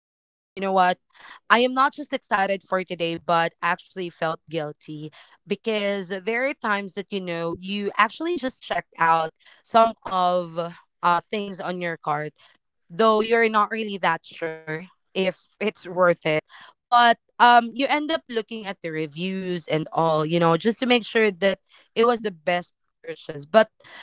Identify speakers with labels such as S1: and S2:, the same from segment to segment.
S1: And you know what? I am not just excited for today, but actually felt guilty because there are times that, you know, you actually just checked out some of things on your cart though you're not really that sure if it's worth it. But you end up looking at the reviews and all, you know, just to make sure that it was the best purchase. But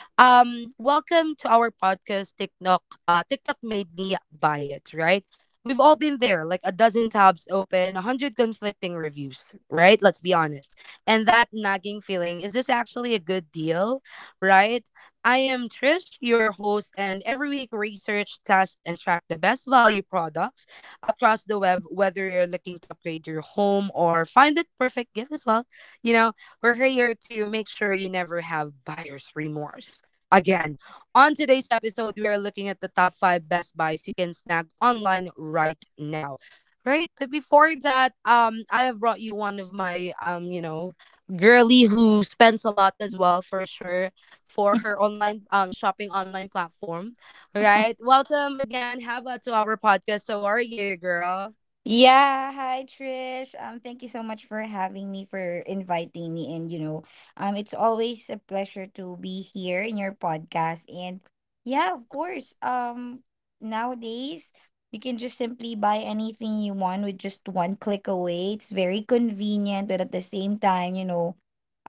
S1: welcome to our podcast, TikTok. TikTok made me buy it, right? We've all been there, like a dozen tabs open, a hundred conflicting reviews, right? Let's be honest. And that nagging feeling, is this actually a good deal, right? I am Trish, your host, and every week research, test, and track the best value products across the web, whether you're looking to upgrade your home or find that perfect gift as well. You know, we're here to make sure you never have buyer's remorse. Again, on today's episode, we are looking at the top five best buys you can snag online right now. Right, but before that, I have brought you one of my you know, girly who spends a lot as well for sure for her online shopping online platform. Right. Welcome again, Hava, to our podcast. How are you, girl?
S2: Yeah, hi Trish. Thank you so much for having me, for inviting me, and it's always a pleasure to be here in your podcast. And yeah, of course, nowadays you can just simply buy anything you want with just one click away. It's very convenient, but at the same time,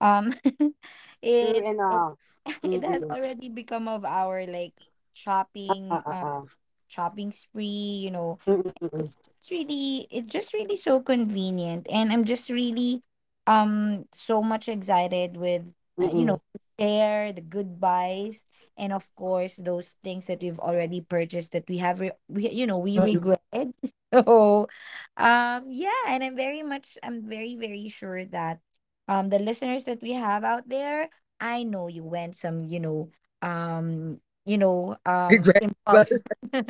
S2: um,
S1: True
S2: it
S1: enough.
S2: it has
S1: Mm-mm.
S2: already become of our like
S1: Uh, uh,
S2: shopping,
S1: uh, uh.
S2: shopping spree. You know,
S1: Mm-mm, mm-mm,
S2: it's just really it's just really so convenient, and I'm just really so much excited with
S1: mm-mm.
S2: to share the goodbyes and, of course, those things that we've already purchased that we have re- we you know we regret. So, yeah, and I'm very very sure that the listeners that we have out there, I know you went some um impulse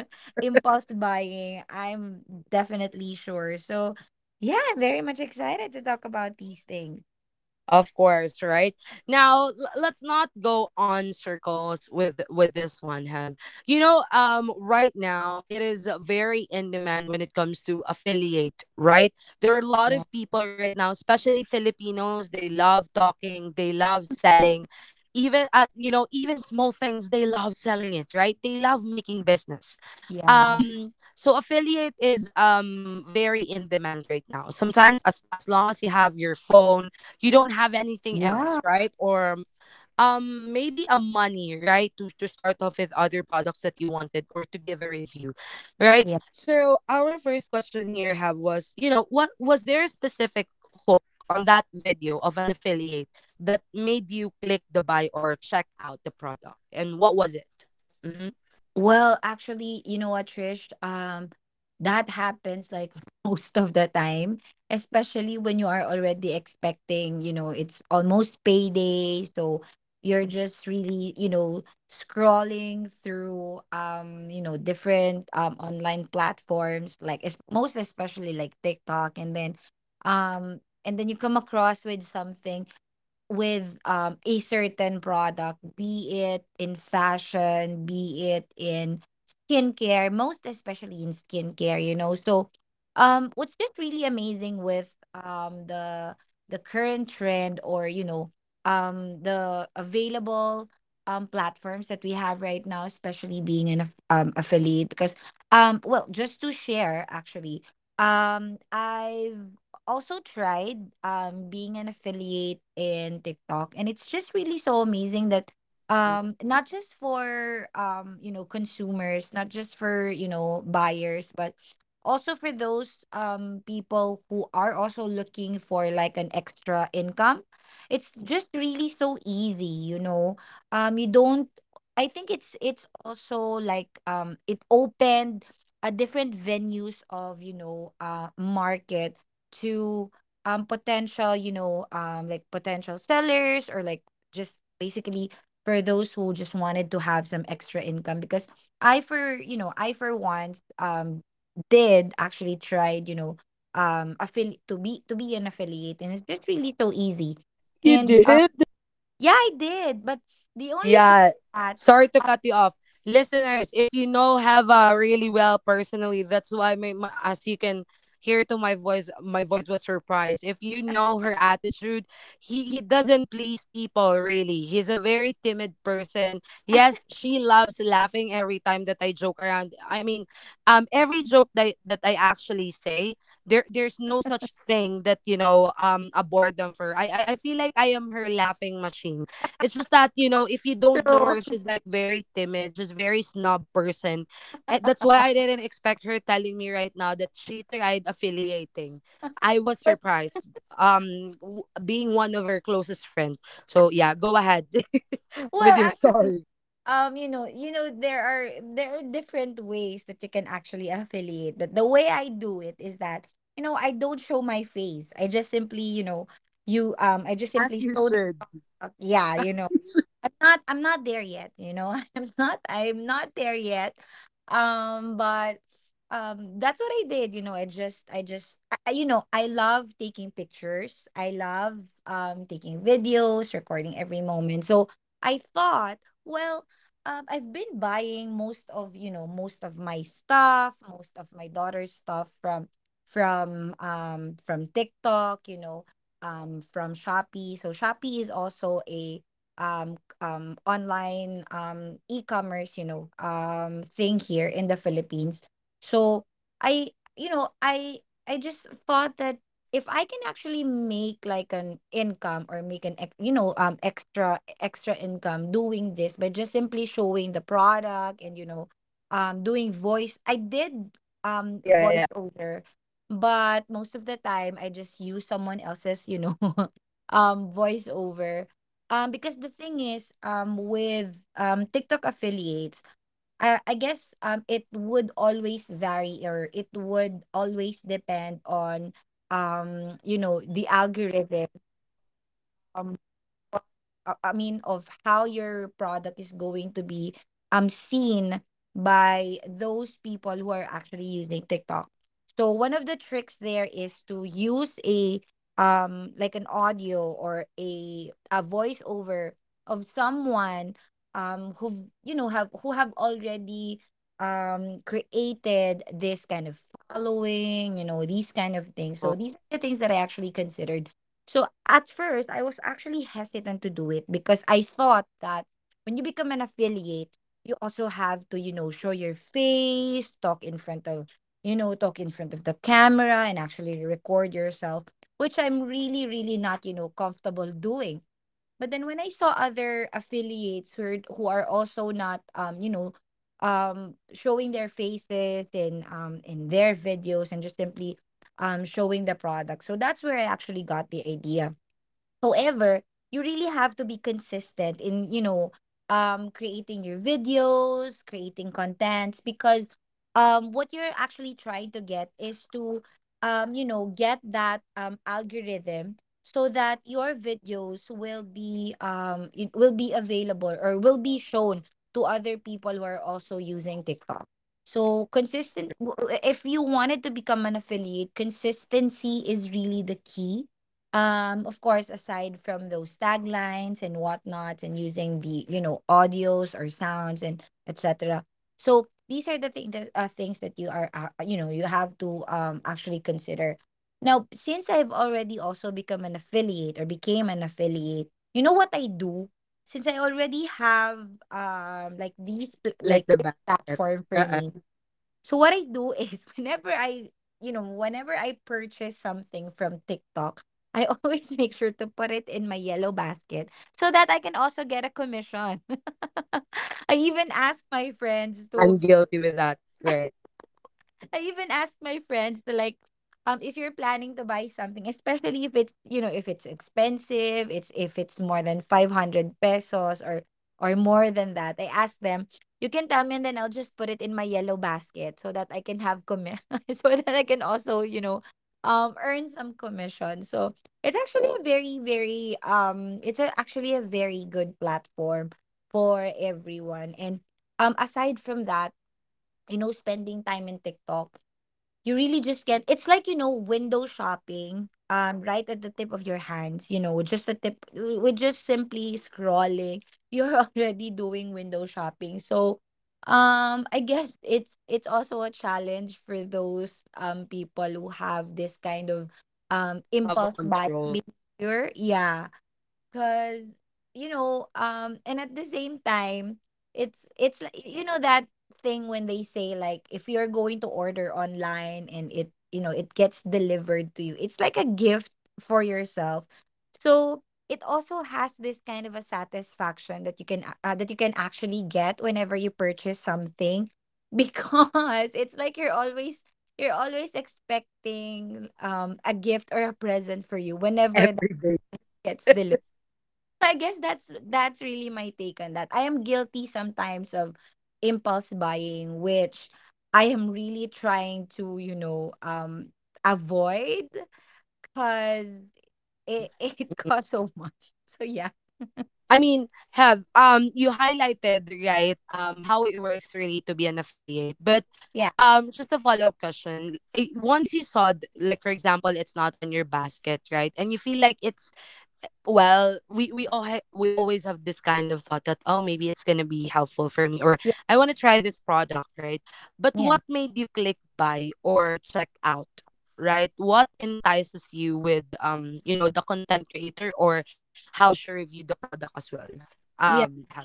S2: impulse buying, I'm definitely sure. So, yeah, I'm very much excited to talk about these things.
S1: Of course, right? Now let's not go on circles with this one, Have. You know, right now it is very in demand when it comes to affiliate, right? There are a lot
S2: Yeah,
S1: of people right now, especially Filipinos, they love talking, they love selling. Even you know, even small things they love selling it, right? They love making business.
S2: yeah,
S1: So affiliate is very in demand right now. Sometimes as long as you have your phone, you don't have anything else, right? Or maybe a money, right? To start off with other products that you wanted or to give a review, right?
S2: yeah.
S1: So our first question here, Have, was, you know, what was there a specific hook on that video of an affiliate that made you click the buy or check out the product, and what was it? Mm-hmm.
S2: Well, actually, you know what, Trish? That happens like most of the time, especially when you are already expecting, it's almost payday, so you're just really, scrolling through different online platforms like most especially like TikTok, um and then you come across with something, with a certain product, be it in fashion, be it in skincare, most especially in skincare. So, what's just really amazing with the current trend, or the available platforms that we have right now, especially being an affiliate, because, well, just to share, actually, I've also tried being an affiliate in TikTok, and it's just really so amazing that, not just for consumers, not just for buyers, but also for those people who are also looking for like an extra income. It's just really so easy, you don't... I think it's also like, it opened a different venues of, market, to potential, potential sellers, or like, just basically, for those who just wanted to have some extra income, because I for once did actually tried, affiliate, to be an affiliate, and it's just really so easy.
S1: You
S2: And
S1: did?
S2: yeah, I did, but the only thing
S1: Yeah.
S2: that...
S1: Sorry to cut you off. Listeners, if you know Hava really well personally, that's why my as you can hear to my voice was surprised. If you know her attitude, he doesn't please people really. He's a very timid person. Yes, she loves laughing every time that I joke around. I mean, every joke that I actually say, there's no such thing that, you know, a boredom for her. I feel like I am her laughing machine. It's just that, you know, if you don't know
S2: So,
S1: her, she's like very timid. She's very snob person. And that's why I didn't expect her telling me right now that she tried affiliating. I was
S2: but,
S1: surprised. Being one of her closest friend. So yeah, go ahead with your
S2: well,
S1: story.
S2: um you know you know there are there are different ways that you can actually affiliate, but the way I do it is that, I don't show my face. I just
S1: As
S2: simply
S1: you
S2: show
S1: should.
S2: the... Yeah, I'm not there yet. I'm not there yet. But that's what I did. I just I just I- you know, I love taking pictures. I love taking videos, recording every moment. So I thought, well, I've been buying most of my stuff, most of my daughter's stuff from from TikTok, from Shopee. So Shopee is also a online e-commerce, thing here in the Philippines. So I you know I I just thought that if I can actually make like an income, or make an extra extra income doing this by just simply showing the product, and doing voice. I did
S1: Yeah, yeah.
S2: voiceover, but most of the time I just use someone else's, voiceover, because the thing is, with TikTok affiliates, I guess it would always vary, or it would always depend on the algorithm. um uh, I mean, of how your product is going to be seen by those people who are actually using TikTok. So one of the tricks there is to use a like, an audio, or a voiceover, of someone who've you know have who have already created this kind of following, these kind of things. So these are the things that I actually considered. So at first, I was actually hesitant to do it because I thought that when you become an affiliate, you also have to, show your face, talk in front of the camera, and actually record yourself, which I'm really, really not, comfortable doing. But then, when I saw other affiliates who are, also not showing their faces in their videos, and just simply showing the product. So that's where I actually got the idea. However, you really have to be consistent in, creating your videos, creating contents, because what you're actually trying to get is to get that algorithm, so that your videos will be... it will be available, or will be shown to other people who are also using TikTok. So, consistent... if you wanted to become an affiliate, consistency is really the key, of course, aside from those taglines and whatnot, and using the, audios or sounds and etc. So these are the things that, things that you are you know you have to actually consider. Now, since I've already also become an affiliate, or became an affiliate, you know what I do, since I already have like, these pl-
S1: Like
S2: like
S1: the
S2: this
S1: basket.
S2: platform for
S1: Uh-uh.
S2: me. So what I do is whenever whenever I purchase something from TikTok, I always make sure to put it in my yellow basket so that I can also get a commission. I even ask my friends
S1: I'm
S2: to
S1: guilty with that. Right.
S2: I even asked my friends to, like, if you're planning to buy something, especially if it's you know if it's expensive, it's if it's more than 500 pesos, or more than that. I asked them, you can tell me, and then I'll just put it in my yellow basket so that I can so that I can also, earn some commission. So it's actually a very very it's a, actually a very good platform for everyone. And, aside from that, spending time in TikTok, you really just get it's like, window shopping, right at the tip of your hands, just a tip, with just simply scrolling, you're already doing window shopping. So, I guess it's also a challenge for those people who have this kind of
S1: Have a
S2: impulse buying
S1: control
S2: behavior. Yeah, because, and at the same time, it's like, that thing when they say, like, if you're going to order online, and it gets delivered to you, it's like a gift for yourself. So it also has this kind of a satisfaction that you can actually get whenever you purchase something, because it's like you're always expecting a gift or a present for you whenever that
S1: every day.
S2: gets delivered. So, I guess that's really my take on that. I am guilty sometimes of impulse buying, which I am really trying to, avoid, because it, it costs so much. So yeah.
S1: I mean, Have, you highlighted right how it works really to be an affiliate, but
S2: Yeah.
S1: just a follow up question. Eh, once you saw like for example, it's not on your basket, right? And you feel like it's well, we always have this kind of thought that, oh, maybe it's going to be helpful for me, or
S2: Yeah.
S1: I want to try this product, right? But
S2: Yeah.
S1: what made you click buy or check out, right? What entices you with you know, the content creator or how she reviewed the product as well,
S2: Yeah.
S1: um ha-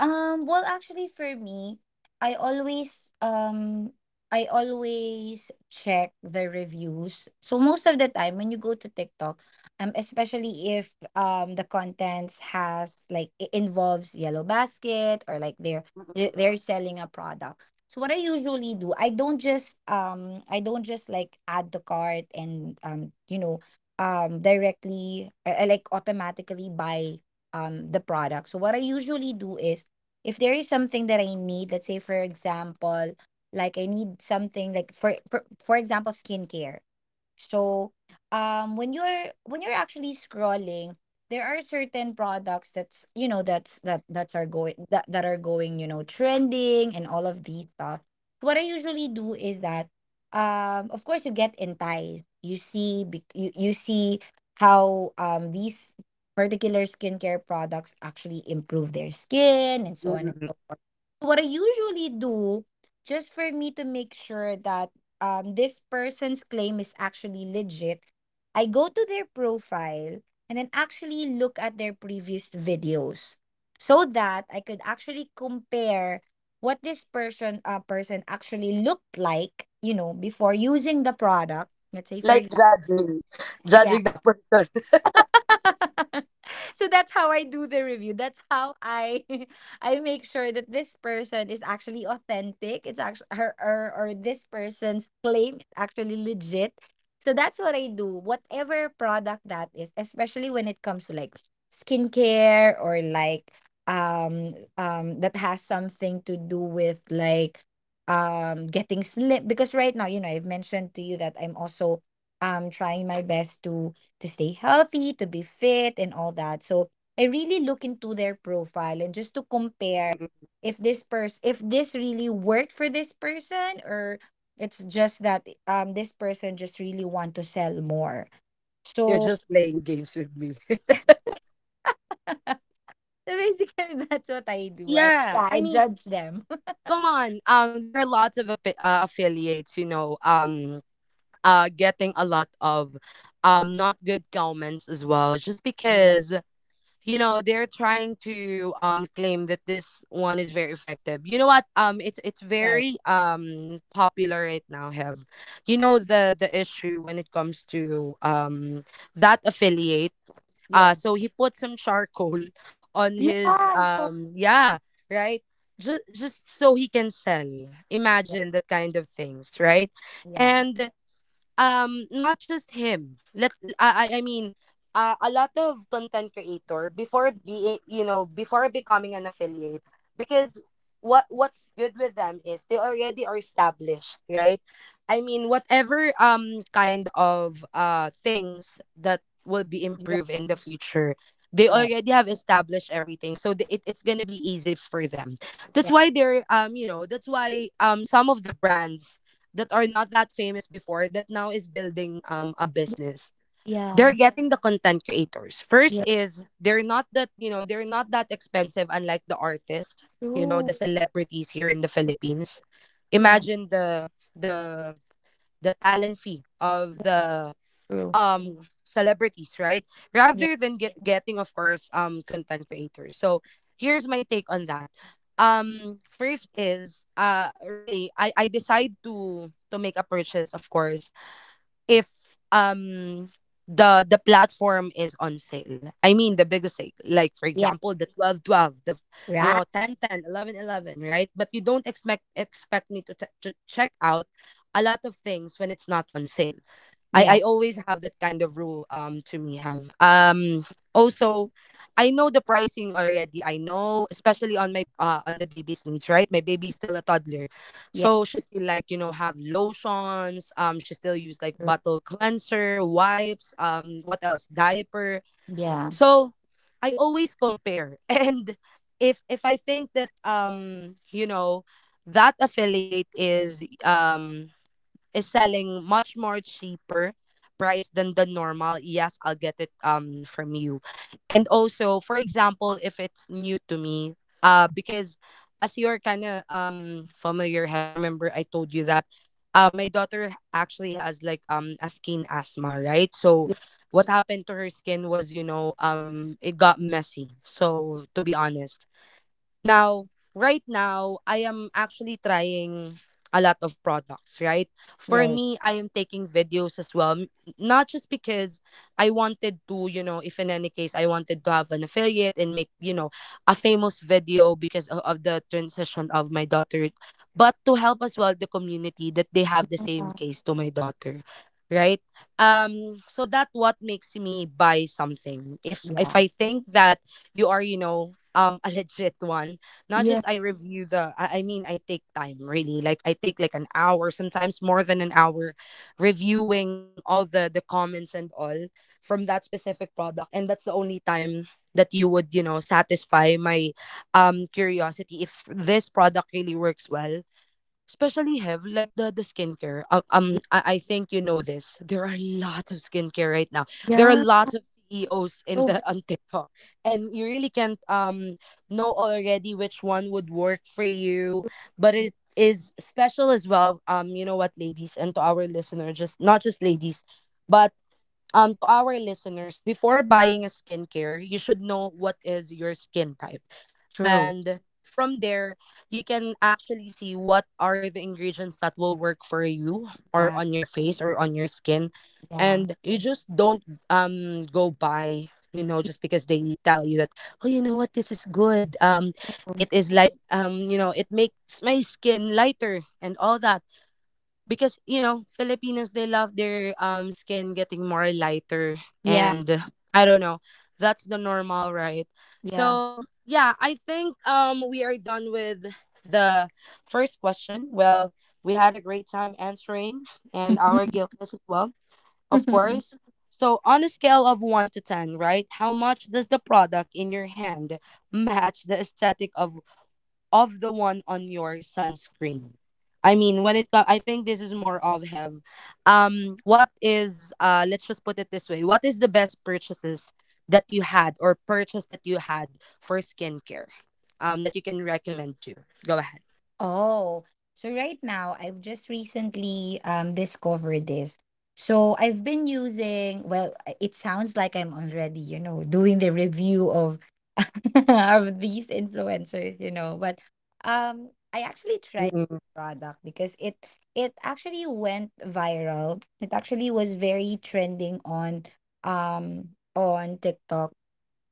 S2: Well, actually, for me, I always... I always check the reviews. So most of the time when you go to TikTok, especially if the contents has, like, it involves Yellow Basket, or like they're selling a product. So what I usually do, I don't just like, add the cart, and directly, or, like, automatically buy the product. So what I usually do is, if there is something that I need, let's say, for example, like I need something like, for example, skincare. So, when you're actually scrolling, there are certain products that's you know that's are going, that that are going, trending, and all of these stuff. What I usually do is that, of course, you get enticed. You see, you see how these particular skincare products actually improve their skin, and so on and so forth. What I usually do, just for me to make sure that this person's claim is actually legit, I go to their profile and then actually look at their previous videos so that I could actually compare what this person actually looked like, before using the product. Let's say for
S1: like
S2: example,
S1: judging
S2: yeah.
S1: judging that person
S2: So that's how I do the review. That's how I I make sure that this person is actually authentic. It's actually her or this person's claim is actually legit. So that's what I do. Whatever product that is, especially when it comes to like skincare or like that has something to do with like getting slim because right now, you know, I've mentioned to you that I'm also trying my best to stay healthy, to be fit, and all that. So I really look into their profile and just to compare
S1: Mm-mm-mm.
S2: if this person, if this really worked for this person, or it's just that this person just really want to sell more.
S1: You're
S2: So
S1: just playing games with me
S2: so basically that's what I do. I,
S1: yeah,
S2: yeah, I
S1: I mean,
S2: judge them.
S1: come on, there are lots of affiliates, you know, getting a lot of not good comments as well just
S2: Yeah,
S1: because, you know, they're trying to claim that this one is very effective, you know what, it's
S2: right.
S1: very popular right now, Have. You know, the issue when it comes to that affiliate,
S2: Yeah.
S1: so he put some charcoal on
S2: Yeah,
S1: his
S2: I'm so
S1: yeah, right, just so he can sell,
S2: yeah,
S1: imagine that kind of things, right?
S2: yeah,
S1: And not just him, let I mean, a lot of content creator before, be you know, before becoming an affiliate, because what what's good with them is they already are established, right? I mean, whatever kind of things that will be
S2: yeah,
S1: improved in the future, they
S2: right.
S1: already have established everything, so it, it's gonna be easy for them. That's
S2: Yeah.
S1: why they're, you know, that's why some of the brands that are not that famous before, that now is building a business, they're
S2: Yeah.
S1: getting the content creators first,
S2: Yeah.
S1: is they're not that, you know, they're not that expensive, unlike the artists, you know,
S2: True.
S1: the celebrities here in the Philippines.
S2: Yeah.
S1: Imagine the the the talent fee of the
S2: True.
S1: celebrities, right?
S2: Yeah.
S1: Rather than getting, of course, content creators. So here's my take on that. First is, really, I decide to make a purchase, of course, if the the platform is on sale. I mean, the biggest sale, like for
S2: Yeah.
S1: example, the 12 12, the, you
S2: Right.
S1: know, 10 10, 11 11, right? But you don't expect me to, to check out a lot of things when it's not on sale.
S2: Yeah.
S1: I always have that kind of rule, to me, Have, also, I know the pricing already. I know especially on my on the baby's needs, right? My baby's still a toddler, so she still, like, you know, have lotions, she still use like
S2: Yeah.
S1: bottle cleanser, wipes, what else, diaper.
S2: Yeah.
S1: So I always compare and if I think that, you know, that affiliate is, is selling much more cheaper price than the normal, yes, I'll get it from you. And also for example, if it's new to me, because as you're kind of familiar, Have, remember I told you that, my daughter actually has like a skin asthma, right? So
S2: Yeah.
S1: what happened to her skin was, you know, it got messy. So to be honest, now, right now, I am actually trying a lot of products, right? For
S2: Right.
S1: me, I am taking videos as well, not just because I wanted to, you know, if in any case I wanted to have an affiliate and make, you know, a famous video because of the transition of my daughter, but to help as well the community that they have the same
S2: Yeah.
S1: case to my daughter, right? So that what makes me buy something. If
S2: Yeah.
S1: I think that you are, you know, a legit one. Not
S2: Yeah.
S1: just I review the I mean, I take time really. Like I take like an hour, sometimes more than an hour reviewing all the comments and all from that specific product, and that's the only time that you would, you know, satisfy my curiosity if this product really works well, especially, Have, like the skincare.
S2: Yeah.
S1: I think you know this. There are lots of skincare right now. There are
S2: Yeah.
S1: lots of CEOs in
S2: So
S1: the
S2: very
S1: on TikTok, and you really can't know already which one would work for you. But it is special as well. You know what, ladies, and to our listener, just not just ladies, but to our listeners, before buying a skincare, you should know what is your skin type,
S2: true.
S1: and from there you can actually see what are the ingredients that will work for you or
S2: Yeah.
S1: on your face or on your skin.
S2: Yeah.
S1: And you just don't go by, you know, just because they tell you that, oh, you know what, this is good,
S2: Um,
S1: it is light, you know, it makes my skin lighter and all that, because, you know, Filipinos, they love their skin getting more lighter.
S2: yeah.
S1: And I don't know, that's the normal, right?
S2: Yeah.
S1: So yeah, I think we are done with the first question. Well, we had a great time answering, and our guiltness as well, of course. So on a scale of 1 to 10, right, how much does the product in your hand match the aesthetic of the one on your sunscreen. I mean, when it comes, I think this is more of Have. What is uh? Let's just put it this way: what is the best purchases that you had, or purchase that you had, for skincare? That you can recommend to. Go ahead.
S2: Oh, so right now I've just recently discovered this. So I've been using, well, it sounds like I'm already, you know, doing the review of of these influencers, you know, but I actually tried
S1: Mm-mm.
S2: the product because it actually went viral. It actually was very trending um on TikTok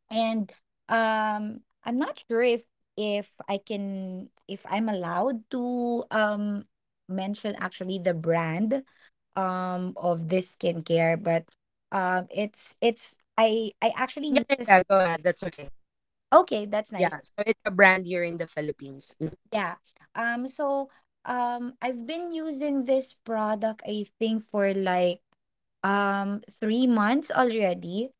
S2: and um I'm not sure if I can, if I'm allowed to mention actually the brand of this skincare, but it's I actually
S1: Yeah,
S2: use
S1: yeah,
S2: this,
S1: yeah, go ahead. That's okay.
S2: okay, that's nice.
S1: Yeah, so it's a brand here in the Philippines. Mm.
S2: Yeah. So I've been using this product I think for like 3 months already.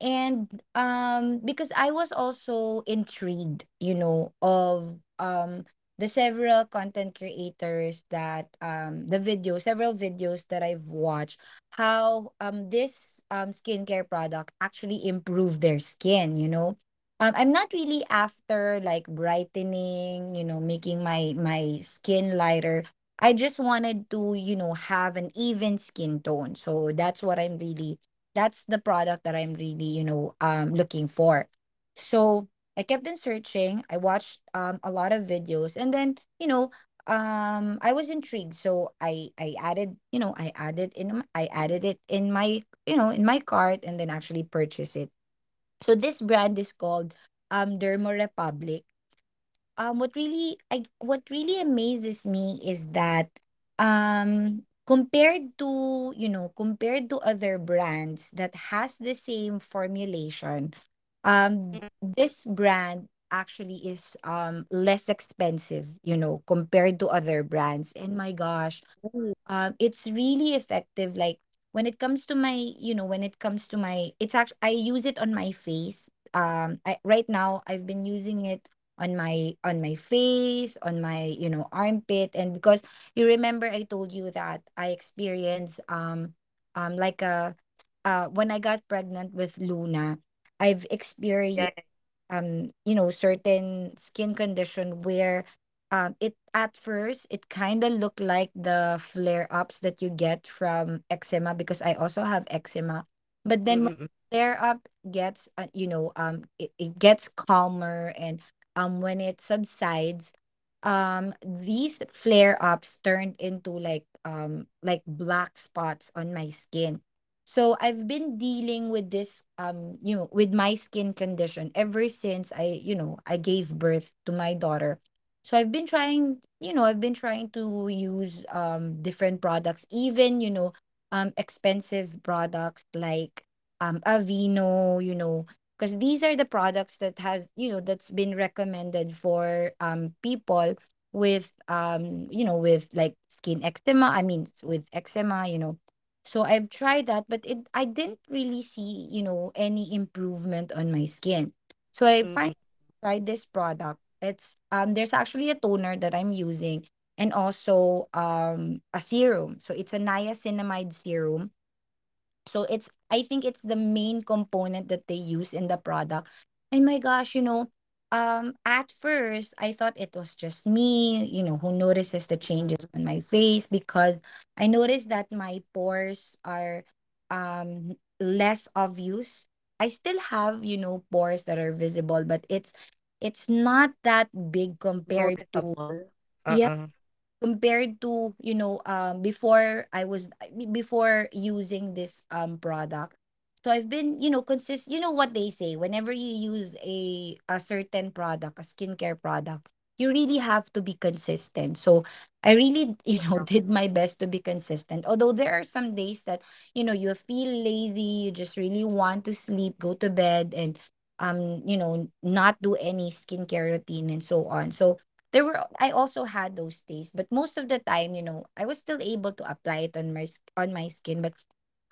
S2: And because I was also intrigued, you know, of the several content creators that the video, several videos that I've watched how this skincare product actually improved their skin, you know. Um, I'm not really after like brightening, you know, making my my skin lighter. I just wanted to, you know, have an even skin tone. So that's what I'm really, that's the product that I'm really, you know, looking for. So I kept on searching. I watched a lot of videos and then, you know, I was intrigued. So I added, you know, I added in m- I added it in my, you know, in my cart and then actually purchased it. So this brand is called Dermo Republic. Um, what really, I, what really amazes me is that compared to, you know, compared to other brands that has the same formulation,
S1: Mm-mm.
S2: this brand actually is less expensive, you know, compared to other brands. And my gosh,
S1: Ooh.
S2: it's really effective, like when it comes to my, you know, when it comes to my, it's actually, I use it on my face. Um, I, right now I've been using it on my, on my face, on my, you know, armpit. And because you remember I told you that I experienced like a uh, when I got pregnant with Luna, I've experienced
S1: Yeah, yeah.
S2: you know, certain skin condition where it at first it kind of looked like the flare ups that you get from eczema, because I also have eczema. But
S1: Yeah.
S2: then when
S1: Mm-mm.
S2: the flare up gets, you know, it gets calmer, and when it subsides, these flare ups turned into like black spots on my skin. So I've been dealing with this, you know, with my skin condition ever since I, you know, I gave birth to my daughter. So I've been trying, you know, I've been trying to use different products, even, you know, expensive products like Aveeno, you know, because these are the products that has, you know, that's been recommended for people with you know, with like skin eczema, I mean, s- with eczema, you know. So I've tried that, but it, I didn't really see, you know, any improvement on my skin. So I finally
S1: Mm-mm.
S2: tried this product. It's there's actually a toner that I'm using, and also a serum. So it's a niacinamide serum, so it's, I think it's the main component that they use in the product. And my gosh, you know, at first I thought it was just me, you know, who notices the changes on
S1: Mm-mm.
S2: my face. Because I noticed that my pores are um less obvious. I still have, you know, pores that are visible, but it's not that big compared to,
S1: Noticeable. Uh-uh.
S2: compared to, you know, before I was, I mean, before using this product. So I've been, you know, consist-, you know what they say, whenever you use a certain product, a skincare product, you really have to be consistent. So I really you know, did my best to be consistent, although there are some days that, you know, you feel lazy, you just really want to sleep, go to bed, and you know, not do any skincare routine and so on. So there were, I also had those days, but most of the time, you know, I was still able to apply it on my s- on my skin. But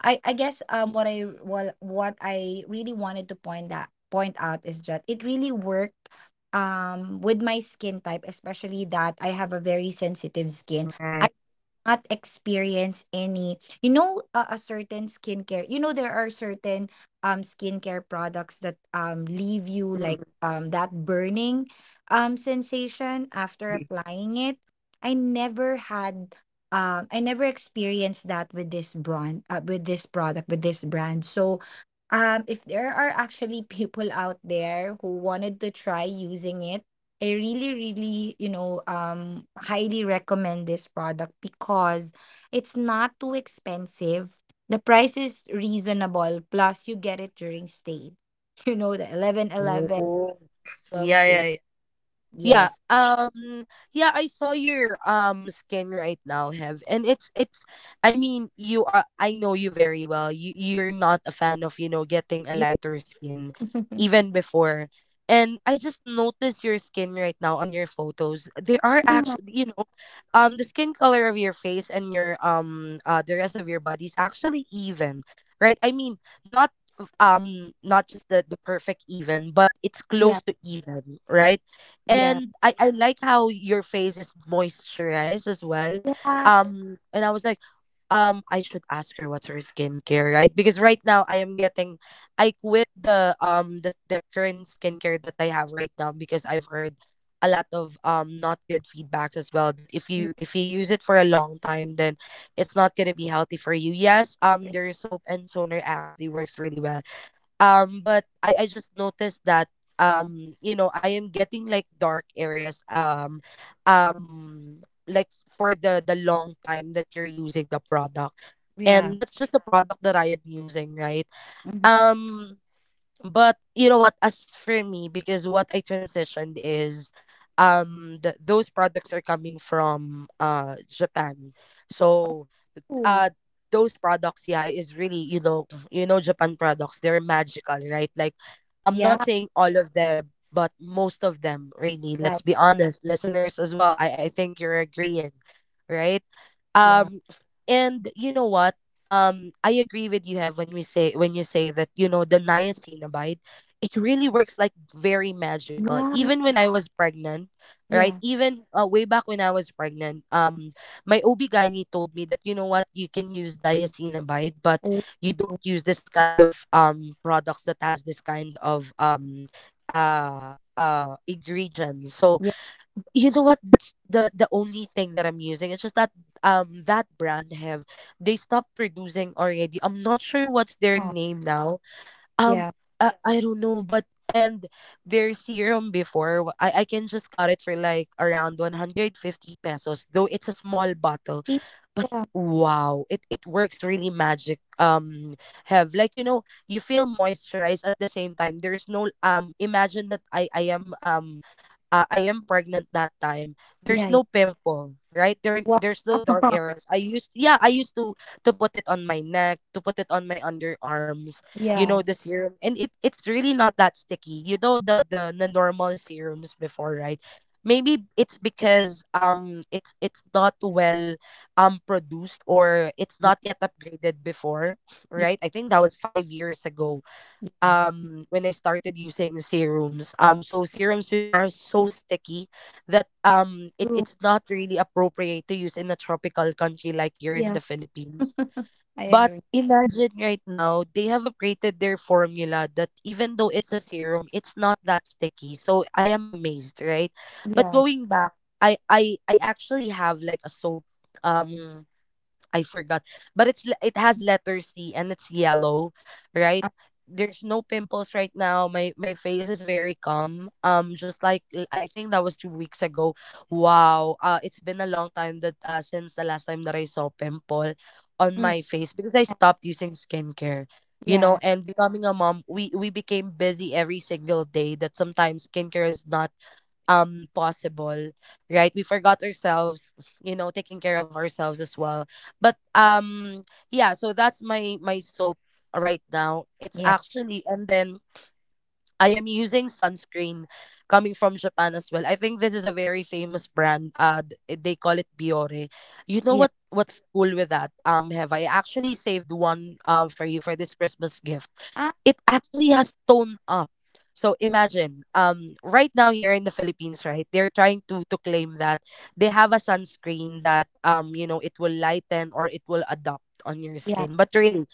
S2: I guess what I, well, what I really wanted to point that point out is that it really worked with my skin type, especially that I have a very sensitive skin.
S1: Okay.
S2: Not experience any, you know, a certain skincare, you know, there are certain skincare products that leave you like
S1: Mm-mm.
S2: that burning sensation after
S1: Definitely.
S2: applying it. I never had I never experienced that with this brand, with this product, with this brand. So if there are actually people out there who wanted to try using it, I really, really, you know, highly recommend this product because it's not too expensive. The price is reasonable, plus you get it during state. You know, the 11.11, 12.
S1: Yeah, yeah,
S2: 11,
S1: yeah. Yeah.
S2: yes.
S1: Yeah, I saw your skin right now, Hev. And it's I mean, you are I know you very well. You're not a fan of, you know, getting a
S2: Yeah.
S1: lighter skin even before. And I just noticed your skin right now on your photos. There are actually, you know, the skin color of your face and your the rest of your body is actually even, right? I mean, not not just the perfect even but it's
S2: Yeah. Yeah.
S1: close to even, right?
S2: Yeah.
S1: And I like how your face is moisturized as well. And I was like, I should ask her what's her skincare, right? Because right now I am getting, I quit the the current skincare that I have right now because I've heard a lot of not good feedbacks as well that
S2: Yeah.
S1: if you use it for a long time then it's not gonna be healthy for you. Yes, their soap and toner actually works really well but I just noticed that you know I am getting like dark areas um like for the long time that you're using the product, and
S2: Yeah.
S1: that's just the product that I am using, right?
S2: Mhm.
S1: um but you know what, as for me, because what I transitioned is those products are coming from Japan. So
S2: Oh.
S1: uh those products, yeah, is really, you know, you know, Japan products, they're magical, right? Like I'm not
S2: Yeah.
S1: saying all of them but most of them really. Let's
S2: Right.
S1: be honest, listeners as well. I think you're agreeing, right?
S2: Yeah.
S1: um and you know what, I agree with you, have when we say when you say that, you know, the niacinamide, it really works like very magical
S2: Yeah.
S1: even when I was pregnant, right?
S2: Yeah.
S1: Even way back when I was pregnant, my OB gynae told me that, you know what, you can use diacinamide but
S2: Oh.
S1: you don't use this kind of products that has this kind of ingredients. So
S2: Yeah.
S1: you know what, that's the only thing that I'm using. It's just that that brand, have they stopped producing already. I'm not sure what's their name now. um
S2: Yeah.
S1: I don't know but. And their serum before w- I can just got it for like around 150 pesos, though it's a small bottle.
S2: See?
S1: But
S2: Yeah.
S1: wow, it works really magic. Have like you know, you feel moisturized. At the same time, there's no imagine that I am I am pregnant that time,
S2: Yeah.
S1: there's
S2: Yeah.
S1: no pimple, right? There
S2: Wow.
S1: there's no dark areas. I used, yeah, I used to put it on my neck, to put it on my underarms, you know,
S2: Yeah.
S1: the serum. And it it's really not that sticky. You know the normal serums before, right? Maybe it's because it's not well produced or it's
S2: Yeah.
S1: not yet upgraded before, right? I think that was 5 years ago
S2: Yeah.
S1: when I started using serums. So serums before are so sticky that it,
S2: True.
S1: it's not really appropriate to use in a tropical country like here in
S2: Yeah.
S1: the Philippines.
S2: I
S1: But
S2: agree.
S1: imagine right now they have upgraded their formula that even though it's a serum, it's not that sticky. So I am amazed, right? But
S2: Yeah.
S1: going back, I actually have like a soap, um I forgot, but it's le- it has letter C and it's yellow, right?
S2: Uh,
S1: There's no pimples right now. My face is very calm. Just like l- I think that was 2 weeks ago. Wow. It's been a long time that since the last time that I saw pimple on
S2: mm,
S1: my face because I stopped using skincare. You know,
S2: yeah.
S1: and becoming a mom, we became busy every single day. That sometimes skincare is not possible, right? We forgot ourselves, you know, taking care of ourselves as well. But yeah, so that's my my soap right now. It's
S2: Yeah.
S1: actually, and then I am using sunscreen coming from Japan as well. I think this is a very famous brand. They call it Biore. You know
S2: Yeah.
S1: what what's cool with that, have I actually saved one for you for this Christmas gift.
S2: Ah.
S1: It actually has toned up. So imagine, right now here in the Philippines, right, they're trying to claim that they have a sunscreen that, you know, it will lighten or it will adapt on your
S2: Yeah.
S1: skin. But really,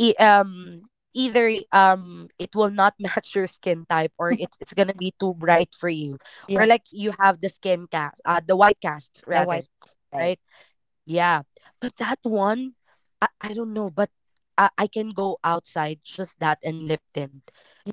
S1: it's either it will not match your skin type or it's gonna be too bright for you, or
S2: Yeah.
S1: like you have the skin cast, the white cast
S2: The
S1: rather,
S2: white. Right.
S1: right? Yeah, but that one, I don't know, but I can go outside just that and Lipton.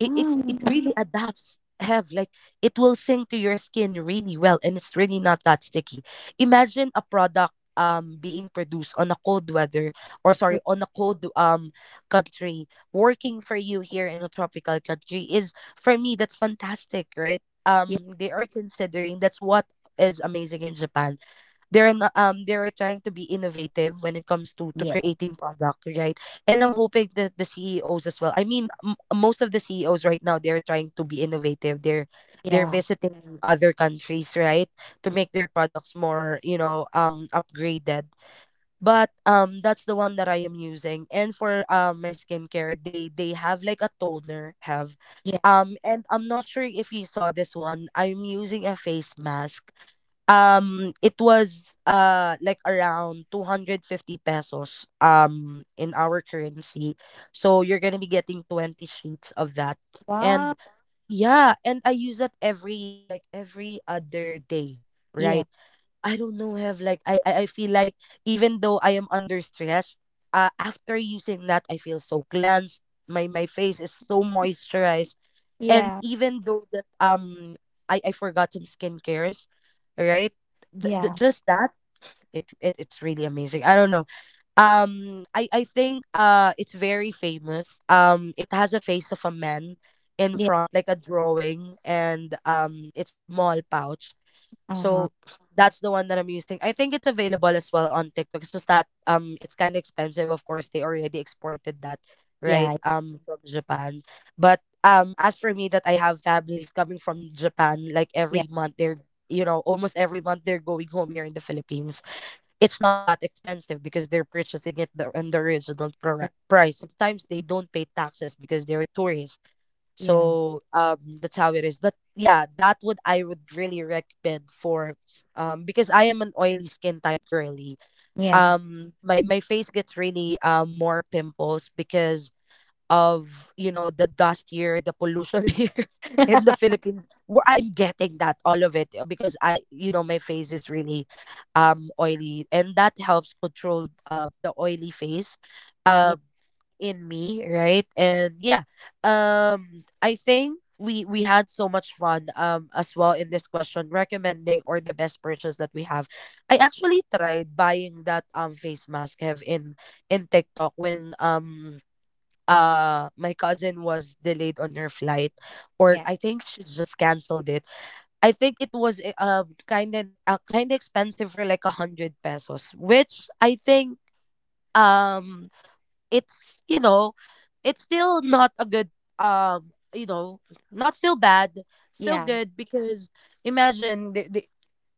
S1: It really adapts, Have like it will sink to your skin really well, and it's really not that sticky. Imagine a product being produced on a cold weather, or sorry,
S2: True.
S1: on a cold country, working for you here in a tropical country is for me that's fantastic, right?
S2: Yeah.
S1: They are considering. That's what is amazing in Japan. They're not, they're trying to be innovative when it comes to
S2: Yeah.
S1: creating product, right? And I'm hoping that the CEOs as well, I mean, m- most of the CEOs right now, they're trying to be innovative. They're
S2: Yeah.
S1: visiting other countries, right, to make their products more, you know, upgraded. But that's the one that I am using. And for my skincare, they have like a toner, have
S2: Yeah.
S1: and I'm not sure if you saw this one. I'm using a face mask. Um, it was, like around 250 pesos, in our currency. So you're gonna be getting 20 sheets of that. And
S2: Wow.
S1: yeah, and I use that every like every other day,
S2: Yeah.
S1: right? I don't know, have like I feel like even though I am under stress, after using that I feel so cleansed. My face is so moisturized and
S2: Yeah.
S1: even though that I forgot some skincares, right?
S2: Yeah.
S1: Just that it it's really amazing. I don't know. I think it's very famous. Um, it has a face of a man in
S2: Yeah.
S1: front like a drawing and it's a small pouch,
S2: Uh huh.
S1: so that's the one that I'm using. I think it's available as well on TikTok. It's just that it's kind of expensive. Of course, they already exported that, right?
S2: Yeah.
S1: Um, from Japan. But as for me, that I have families coming from Japan like
S2: Yeah.
S1: every month they're, you know, almost every month they're going home here in the Philippines. It's not that expensive because they're purchasing it the, on the original pr-
S2: True.
S1: price. Sometimes they don't pay taxes because they're tourists.
S2: Yeah.
S1: So that's how it is. But yeah, that would I would really recommend for because I am an oily skin type girly.
S2: Yeah.
S1: My my face gets really more pimples because of, you know, the dust here, the pollution here in the Philippines, where I'm getting that all of it, because I, you know, my face is really oily and that helps control the oily face
S2: Yeah.
S1: um in me, right? And yeah, I think we had so much fun as well in this question, recommending or the best purchase that we have. I actually tried buying that face mask, have in TikTok when my cousin was delayed on her flight, or
S2: Yeah.
S1: I think she just canceled it. I think it was kind of expensive for like a hundred pesos, which I think um it's, you know, it's still not a good, you know, not still bad, still
S2: Yeah.
S1: good. Because imagine the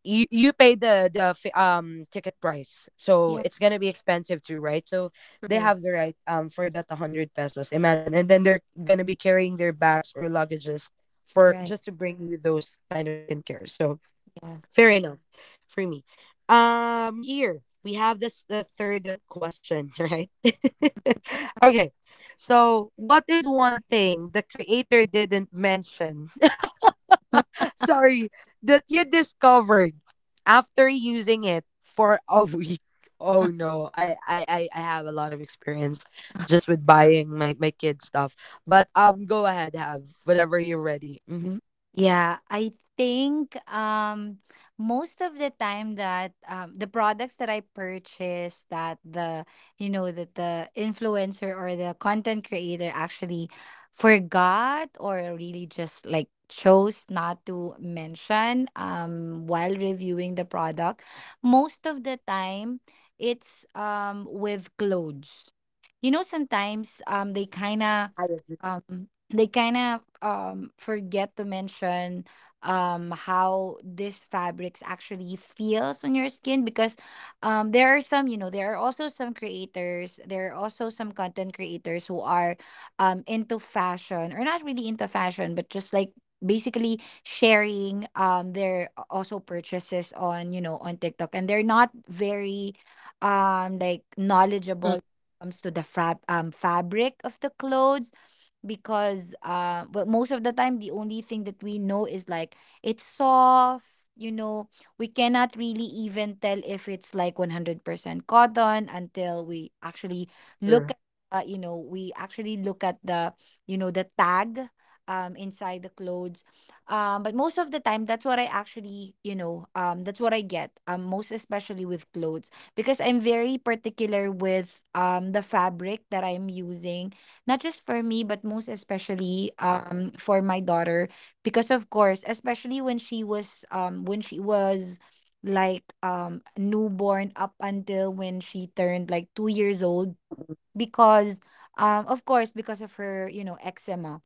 S1: you you pay ticket price, so
S2: Yeah.
S1: it's gonna be expensive too, right? So they
S2: True.
S1: have the right for that 100 pesos, imagine, and then they're gonna be carrying their bags or luggages
S2: You're
S1: for
S2: right.
S1: just to bring you those kind of skincare. So
S2: Yeah.
S1: fair enough for me. Here we have this the third question right. Okay, so what is one thing the creator didn't mention, sorry, that you discovered after using it for a week? Oh no, I have a lot of experience just with buying my my kid stuff. But go ahead, have whatever you're ready. Mm-hmm.
S2: Yeah, I think most of the time that the products that I purchase that the, you know, that the influencer or the content creator actually forgot or really just like chose not to mention while reviewing the product, most of the time it's with clothes. You know, sometimes they kind
S1: I agree.
S2: of, they kind of forget to mention how these fabrics actually feels on your skin. Because there are some, you know, there are also some creators, there are also some content creators who are into fashion, or not really into fashion, but just like basically sharing their a- also purchases on, you know, on TikTok. And they're not very like knowledgeable when
S1: Mm-mm.
S2: it comes to the fab-, fabric of the clothes. Because, uh, well, most of the time the only thing that we know is like it's soft, you know, we cannot really even tell if it's like 100% cotton until we actually look at, you know, we actually look at the, you know, the tag inside the clothes. Um, but most of the time, that's what I actually, you know, that's what I get, most especially with clothes. Because I'm very particular with the fabric that I'm using, not just for me, but most especially for my daughter. Because, of course, especially when she was, when she was like newborn up until when she turned like 2 years old.
S1: Mm-mm.
S2: Because of course because of her, you know, eczema.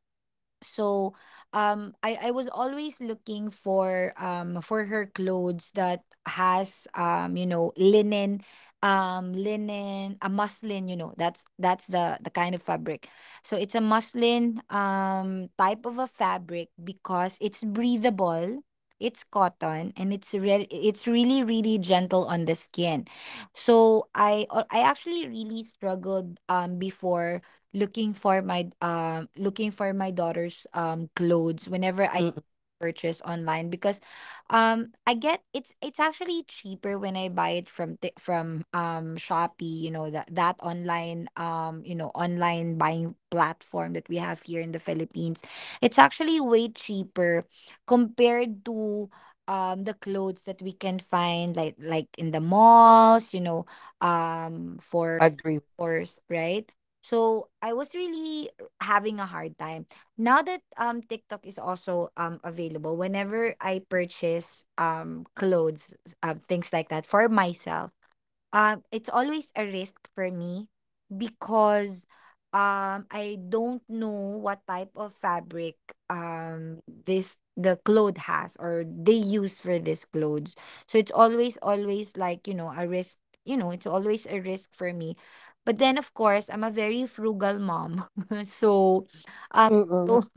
S2: So I was always looking for her clothes that has, you know, linen, linen, a muslin, you know, that's the kind of fabric. So it's a muslin type of a fabric because it's breathable, it's cotton, and it's re- it's really really gentle on the skin. So I actually really struggled before looking for my daughter's clothes whenever I
S1: Mm-mm.
S2: purchase online. Because I get, it's actually cheaper when I buy it from Ti- from Shopee, you know, that, that online you know online buying platform that we have here in the Philippines. It's actually way cheaper compared to the clothes that we can find like in the malls, you know, for
S1: Agree.
S2: course, right? So I was really r- having a hard time. Now that TikTok is also available, whenever I purchase clothes, things like that for myself, it's always a risk for me because I don't know what type of fabric this the cloth has or they use for this clothes. So it's always always like, a risk, it's always a risk for me. But then of course, I'm a very frugal mom. So um
S1: Mm-mm.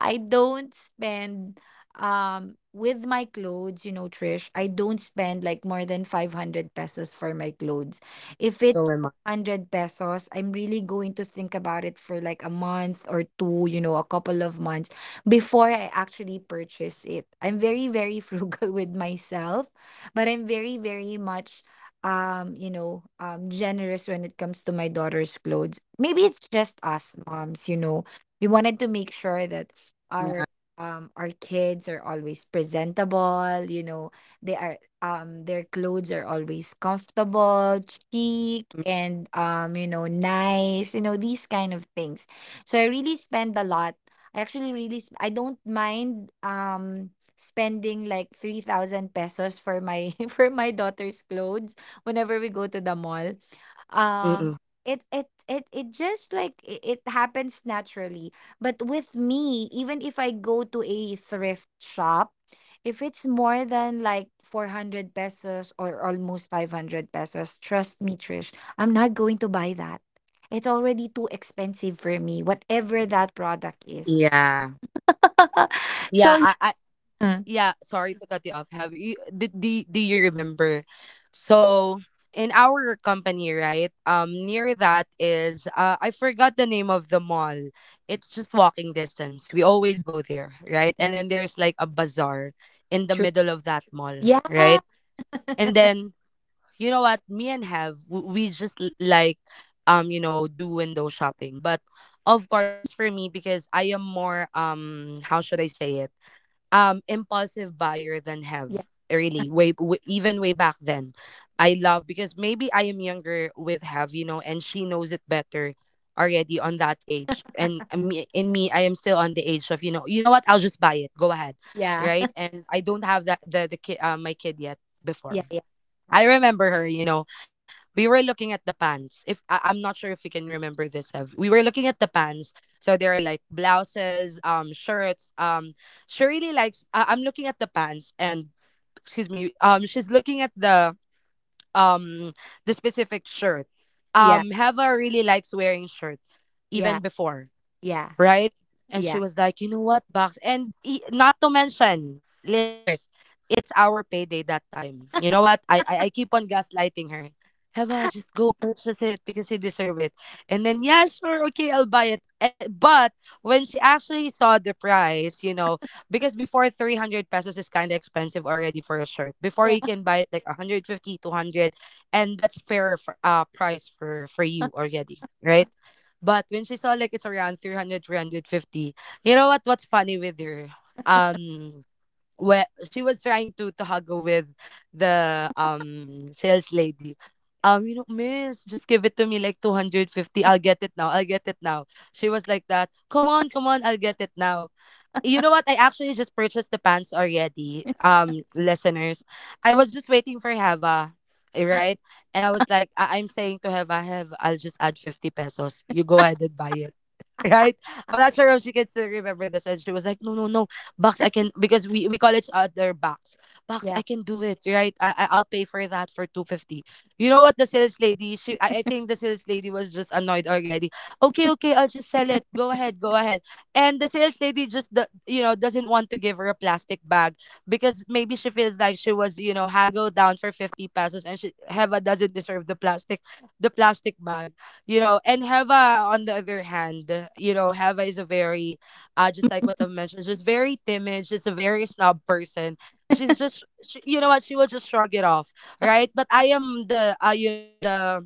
S2: I don't spend with my clothes, you know, Trish. I don't spend like more than 500 pesos for my clothes. If
S1: So
S2: it's
S1: am I.
S2: 400 pesos, I'm really going to think about it for like a month or two, you know, a couple of months before I actually purchase it. I'm very, very frugal with myself, but I'm very, very much generous when it comes to my daughter's clothes. Maybe it's just us moms, you know, we wanted to make sure that
S1: Yeah.
S2: our our kids are always presentable, you know, they are their clothes are always comfortable, chic, and you know, nice, you know, these kind of things. So I really spend a lot. I actually really I don't mind spending like 3,000 pesos for my for my daughter's clothes whenever we go to the mall. um
S1: Mm-mm.
S2: it just like it happens naturally. But with me, even if I go to a thrift shop, if it's more than like 400 pesos or almost 500 pesos, trust me, Trish, I'm not going to buy that. It's already too expensive for me, whatever that product is.
S1: Yeah. Yeah.
S2: So,
S1: I
S2: yeah.
S1: yeah, sorry to cut you off, Have. Do you remember, so in our company, right, near that is, I forgot the name of the mall. It's just walking distance, we always go there, right? And then there's like a bazaar in the
S2: True.
S1: middle of that mall,
S2: Yeah.
S1: right? And then, you know what, me and Have like, you know, do window shopping. But of course, as for me, because I am more, how should I say it, impulsive buyer than Have,
S2: Yeah.
S1: really, even way back then. I love, because maybe I am younger with Have, you know, and she knows it better already on that age. And me, in me, I am still on the age of, you know, you know what, I'll just buy it, go ahead,
S2: Yeah.
S1: right? And I don't have that, the kid, my kid yet before.
S2: Yeah. Yeah.
S1: I remember her, you know. We were looking at the pants. If I, I'm not sure if you can remember this, Ev. We were looking at the pants. So there are like blouses, shirts. She really likes. I'm looking at the pants, and excuse me. She's looking at um the specific shirt. Heva really likes wearing shirt,
S2: Yeah.
S1: even before,
S2: Yeah.
S1: right?
S2: Yeah.
S1: And she
S2: Yeah.
S1: was like, you know what, box, and not to mention, listeners, it's our payday that time. You know what? I keep on gaslighting her. Heva, just go purchase it because you deserve it. And then yeah, sure, okay, I'll buy it. Eh, but when she actually saw the price, you know, because before 300 pesos is kind of expensive already for a shirt. Before
S2: Yeah.
S1: you can buy it like 150, 200, and that's fair for, uh, price for you already, right? But when she saw like it's around three hundred fifty, you know what? What's funny with her? Um, where she was trying to haggle with the sales lady. You know, miss, just give it to me like 250, I'll get it now. I'll get it now. She was like that. Come on, come on, I'll get it now. You know what? I actually just purchased the pants already, listeners. I was just waiting for Heva, eh, right? And I was like, I'm saying to Heva, Hev, I'll just add 50 pesos. You go ahead and buy it. Right? I'm not sure if she can still remember this. And she was like, no, no, no. Box, I can, because we call each other box. Box, I
S2: Yeah.
S1: can do it, right? I'll pay for that for 250. You know what the sales lady, she I think the sales lady was just annoyed already. Okay, okay, I'll just sell it. Go ahead, go ahead. And the sales lady just you know, doesn't want to give her a plastic bag, because maybe she feels like she was, you know, haggled down for 50 pesos, and she Heva doesn't deserve the plastic, the plastic bag, you know. And Heva on the other hand, you know, Heva is a very, just like what I've mentioned, she's very timid, she's a very snob person. You know what, she will just shrug it off, right? But I am the, you know,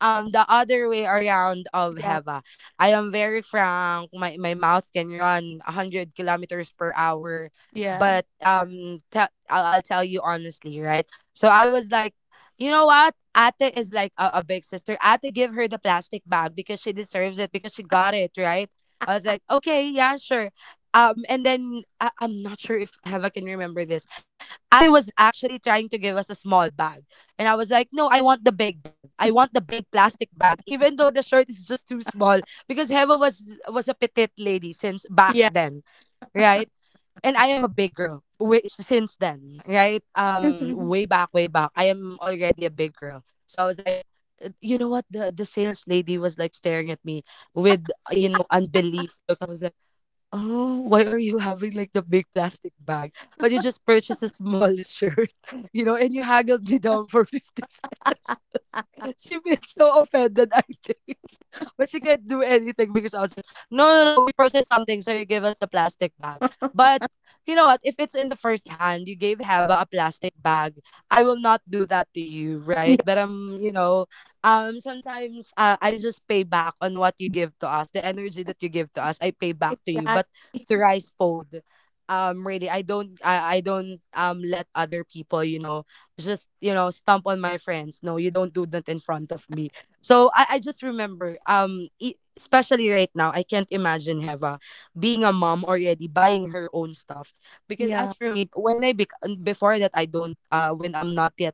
S1: the other way around of Heva. I am very frank. My mouth can run 100 kilometers per hour,
S2: Yeah.
S1: but I'll tell you honestly, right? So I was like, you know what? Ate is like a big sister. Ate, give her the plastic bag, because she deserves it, because she got it, right. I was like, okay, yeah, sure. And then I'm not sure if Heva can remember this. Ate was actually trying to give us a small bag. And I was like, no, I want the big bag. I want the big plastic bag, even though the shirt is just too small, because Heva was a petite lady since back
S2: Yeah. Yeah. Yeah.
S1: then, right? And I am a big girl way, since then, right? Way back, I am already a big girl. So I was like, you know what? The sales lady was like staring at me with, you know, unbelief look. I was like, oh, why are you having like the big plastic bag? But you just purchased a small shirt, you know, and you haggled me down for 50 pesos. She feels so offended, I think. But she can't do anything, because I was like, no, no, no, we purchased something, so you give us the plastic bag. But you know what? If it's in the first hand, you gave Hava a plastic bag, I will not do that to you, right?
S2: Yeah.
S1: But I'm, you know, sometimes I just pay back on what you give to us, the energy that you give to us. I pay back to you,
S2: Yeah.
S1: but through rice. Really, I don't, I don't, let other people, you know, just, you know, stomp on my friends. No, you don't do that in front of me. So I just remember, especially right now, I can't imagine Heva being a mom already, buying her own stuff. Because as
S2: Yeah.
S1: for me, when before that, I don't, when I'm not yet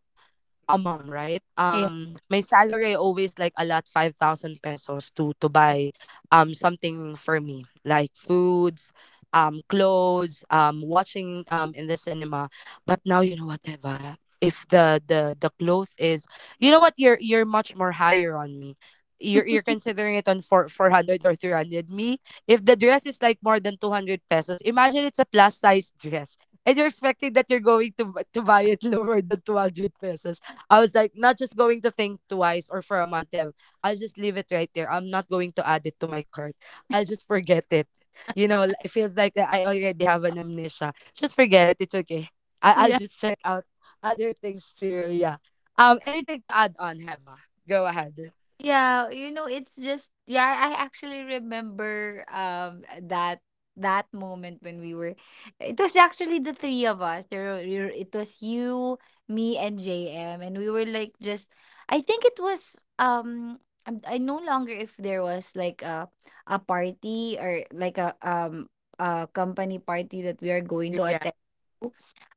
S1: a mom, right?
S2: Yeah.
S1: My salary I always like a lot, 5,000 pesos to buy something for me, like foods, clothes, watching in the cinema. But now, you know, whatever. If the clothes is, you know what, you're much more higher on me. You're considering it on four hundred or 300. Me, if the dress is like more than 200 pesos, imagine it's a plus size dress and you're expecting that you're going to buy it lower than 200 pesos, I was like, not just going to think twice or for a month. Ev. I'll just leave it right there. I'm not going to add it to my cart. I'll just forget it. You know, it feels like, I already have an amnesia. Just forget it. It's okay. I'll
S2: Yeah.
S1: just check out other things too. Yeah. Anything to add on, Heva? Go ahead.
S2: Yeah, you know, it's just, yeah, I actually remember that that moment when we were, it was actually the three of us. It was you, me and JM, and we were like just, I think it was I no longer if there was like a party or like a company party that we are going to
S1: Yeah.
S2: attend.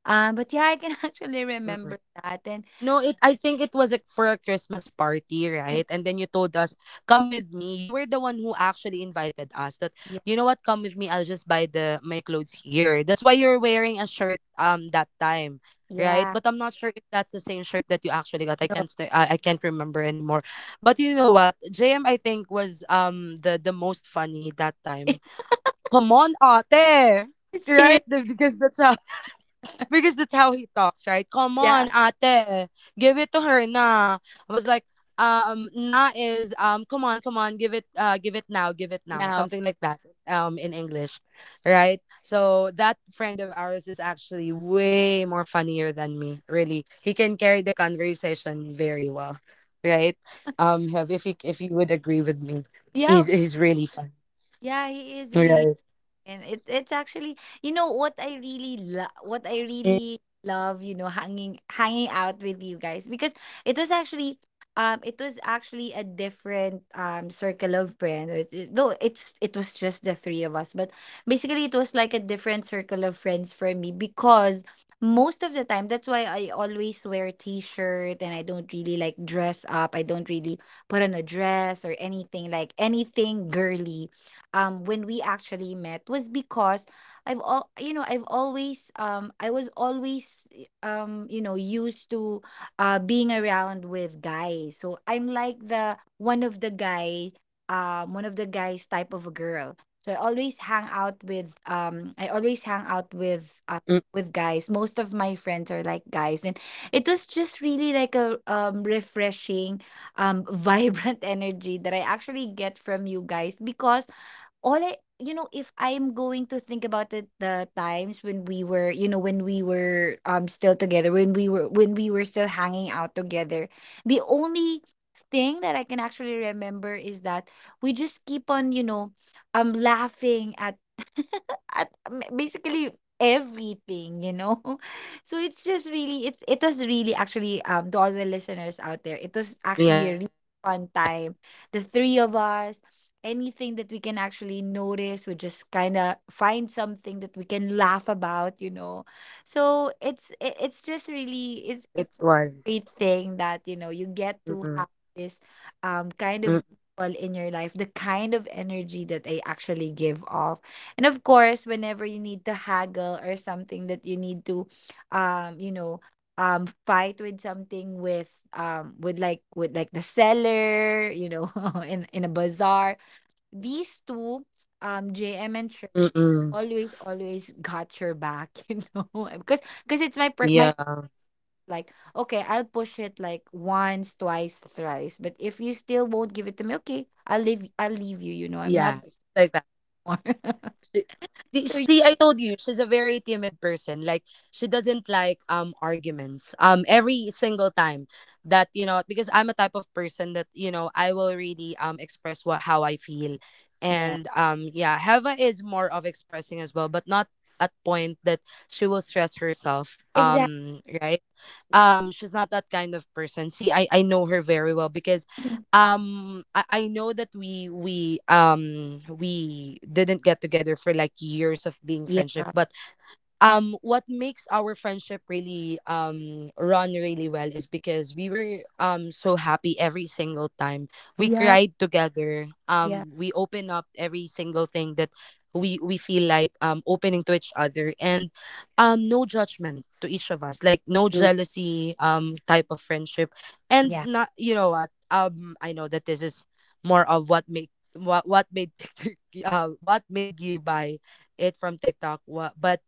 S2: But yeah, I can actually remember that. And
S1: No, it I think it was like for a Christmas party, right? And then you told us, "Come with me." You were the one who actually invited us that,
S2: yeah,
S1: "You know what? Come with me. I'll just buy the my clothes here." That's why you're wearing a shirt that time, right?
S2: yeah.
S1: But I'm not sure if that's the same shirt that you actually got. I can't remember anymore. But you know what? JM I think was the most funny that time. Come on, ate.
S2: It's him.
S1: Right? Because that's how, because that's how he talks, right? Come
S2: Yeah.
S1: on, ate. Give it to her na. I was like, na is come on, come on, give it, give it now, give it now.
S2: Now.
S1: Something like that. In English. Right? So that friend of ours is actually way more funnier than me, really. He can carry the conversation very well. Right? Hev, if you would agree with me.
S2: Yeah,
S1: He's really fun.
S2: yeah, he is really,
S1: Right.
S2: and it it's actually, you know what I really love, what I
S1: Mm-mm.
S2: really love, you know, hanging out with you guys because it was actually, it was actually a different circle of friends. Though it was just the three of us, but basically it was like a different circle of friends for me because most of the time that's why I always wear t-shirt and I don't really like dress up. I don't really put on a dress or anything like anything girly when we actually met was because I've always I was always you know, used to being around with guys. So I'm like the one of the guy one of the guys type of a girl. So I always hang out with I always hang out
S1: Mm,
S2: with guys. Most of my friends are like guys, and it was just really like a refreshing vibrant energy that I actually get from you guys because all I, you know, if I'm going to think about it, the times when we were, you know, when we were still together, when we were still hanging out together, the only thing that I can actually remember is that we just keep on, you know, laughing at at basically everything, you know. So it's just really it was really actually to all the listeners out there, it was actually a
S1: yeah,
S2: really fun time. The three of us, anything that we can actually notice, we just kind of find something that we can laugh about, you know. So it's just really
S1: it
S2: it's a
S1: was.
S2: great thing that you know you get to
S1: Mm-mm.
S2: have this kind of people in your life, the kind of energy that they actually give off. And of course, whenever you need to haggle or something that you need to you know, fight with something with like the seller, you know, in a bazaar, these two, JM and Trish,
S1: Mm-mm.
S2: always, always got your back, you know, because it's
S1: Yeah,
S2: like okay, I'll push it like once, twice, thrice, but if you still won't give it to me, okay, I'll leave. I'll leave you. You know, I'm not
S1: yeah, like that.
S2: more.
S1: She,
S2: So
S1: See, I told you she's a very timid person. Like she doesn't like arguments. Every single time that, you know, because I'm a type of person that, you know, I will really express what how I feel,
S2: yeah,
S1: and yeah, Heva is more of expressing as well, but not at point that she will stress herself.
S2: exactly.
S1: Right? She's not that kind of person. See, I know her very well, because I know that we didn't get together for like years of being
S2: Yeah,
S1: friendship, but what makes our friendship really run really well is because we were so happy every single time, we
S2: yeah,
S1: cried together,
S2: yeah.
S1: we open up every single thing that we feel like opening to each other, and no judgment to each of us, like no
S2: True.
S1: jealousy type of friendship. And
S2: Yeah,
S1: not, you know what, I know that this is more of what make, what made TikTok, what made you buy it from TikTok, what, but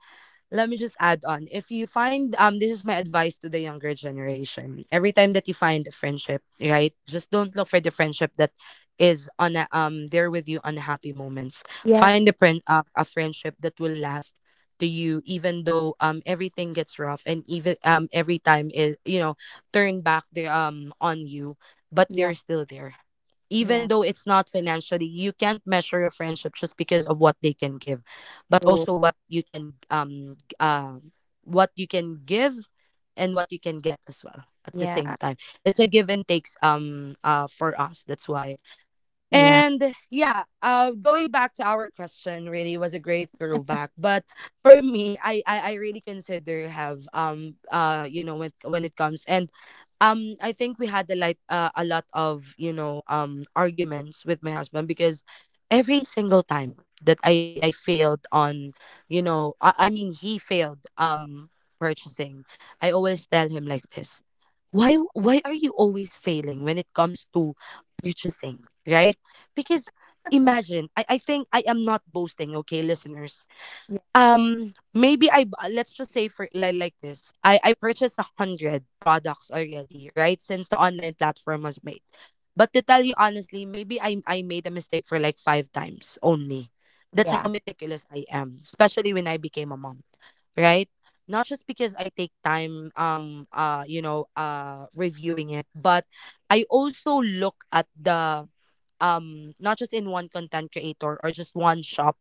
S1: let me just add on. If you find, this is my advice to the younger generation. Every time that you find a friendship, right? Just don't look for the friendship that is on a, there with you on the happy moments.
S2: yeah,
S1: Find a friend a friendship that will last to you even though everything gets rough and even every time it turn back the on you but
S2: yeah,
S1: they're still there, even
S2: yeah.
S1: though it's not financially. You can't measure your friendship just because of what they can give, but
S2: True.
S1: also what you can what you can give and what you can get as well at the same
S2: Yeah,
S1: time. It's a give and takes, for us, that's why.
S2: yeah,
S1: And yeah, going back to our question, really was a great throwback. But for me, I really consider have, when it comes. And I think we had a like a lot of arguments with my husband, because every single time that I failed on I mean he failed, purchasing. I always tell him like this, why are you always failing when it comes to purchasing, right? Because imagine, I think I am not boasting, okay, listeners.
S2: yeah,
S1: Let's just say for like this, I purchased a hundred products already, right, since the online platform was made. But to tell you honestly, maybe I made a mistake for like five times only. That's how
S2: yeah.
S1: meticulous I am, especially when I became a mom. Right. Not just because I take time reviewing it, but I also look at the, not just in one content creator or just one shop.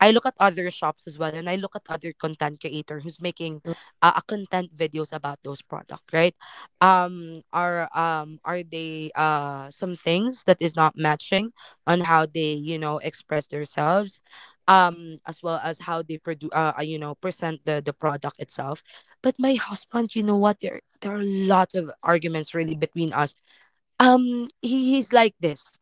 S1: I look at other shops as well, and I look at other content creator who's making a content videos about those product, right? Are they some things that is not matching on how they express themselves, as well as how they produce present the product itself. But my husband, you know what, there are lots of arguments really between us. He's like this.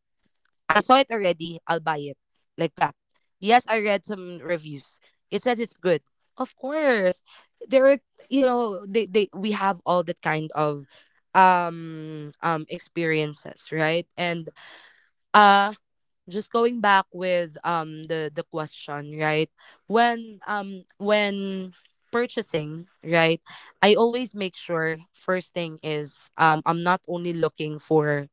S1: I saw it already. I'll buy it. Like that. Yes, I read some reviews. It says it's good. Of course. There are, you know, they we have all that kind of experiences, right? And uh just going back with the question, right? When purchasing, right? I always make sure first thing is, I'm not only looking for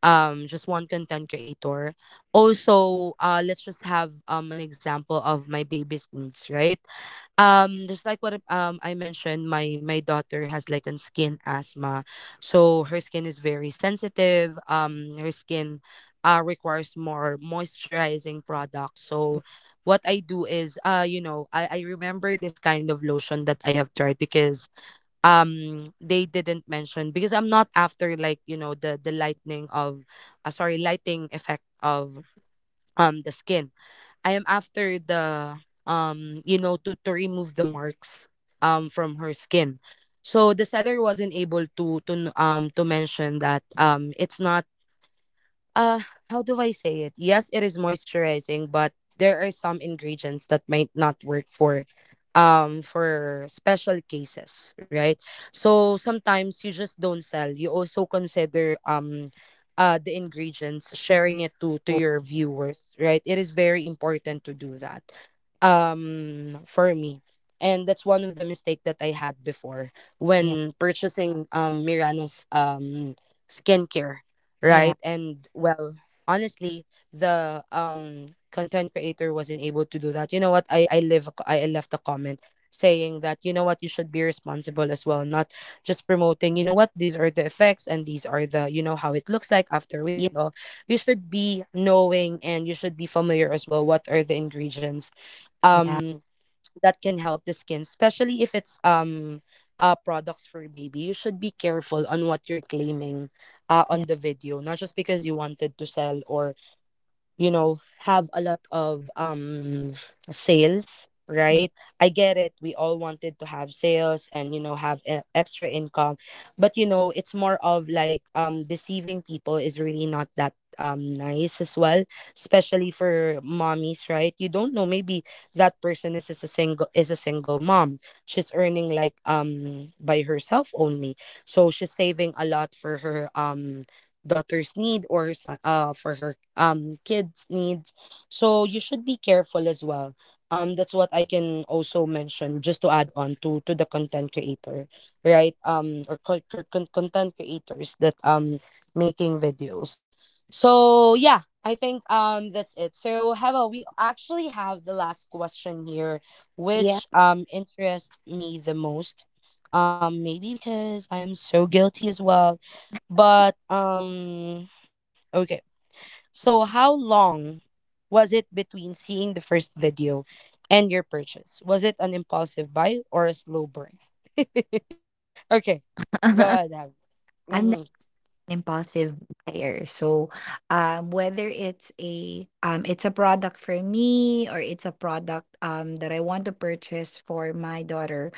S1: just one content creator. Also let's just have an example of my baby's needs, right? Just like what I mentioned, my daughter has like an skin asthma, so her skin is very sensitive. Her skin requires more moisturizing products. So what I do is, I remember this kind of lotion that I have tried, because they didn't mention, because I'm not after like, you know, the lightning of, sorry, lighting effect of the skin. I am after the, to remove the marks from her skin. So the seller wasn't able to to mention that, it's not, uh how do I say it? Yes, it is moisturizing, but there are some ingredients that might not work for, for special cases, right? So sometimes you just don't sell. You also consider, the ingredients, sharing it to
S2: True.
S1: your viewers, right? It is very important to do that. For me. And that's one of the mistake that I had before,
S2: Yeah,
S1: when purchasing Mirana's skincare, right?
S2: yeah,
S1: And well, honestly, the content creator wasn't able to do that. You know what, I left a comment saying that, you know what, you should be responsible as well, not just promoting, you know what, these are the effects and these are the, you know, how it looks like after
S2: yeah,
S1: weekend all. You should be knowing and you should be familiar as well what are the ingredients
S2: yeah,
S1: um that can help the skin, especially if it's products for baby. You should be careful on what you're claiming on
S2: yeah,
S1: the video, not just because you wanted to sell or, you know, have a lot of sales,
S2: yeah.
S1: right? I get it, we all wanted to have sales and, you know, have extra income. But you know, it's more of like, deceiving people is really not that nice as well, especially for mommies, right? You don't know, maybe that person is a single mom. She's earning like, by herself only. So she's saving a lot for her daughter's need, or for her kids needs. So you should be careful as well, that's what I can also mention, just to add on to the content creator, right? Or co- co- con- Content creators that making videos. So yeah, I think that's it. So Heva, we actually have the last question here,
S2: Yeah.
S1: which interests me the most. Maybe because I am so guilty as well, but okay. So how long was it between seeing the first video and your purchase? Was it an impulsive buy or a slow burn? Okay. Go ahead, Abby.
S2: I'm an
S1: Mm,
S2: impulsive buyer. So, whether it's a product for me or it's a product, that I want to purchase for my daughter,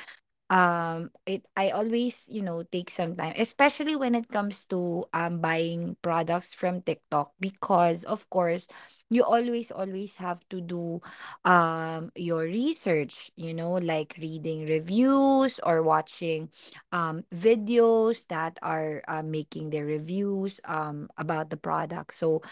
S2: it I always, you know, take some time, especially when it comes to buying products from TikTok, because of course you always always have to do your research, you know, like reading reviews or watching videos that are making their reviews about the product. So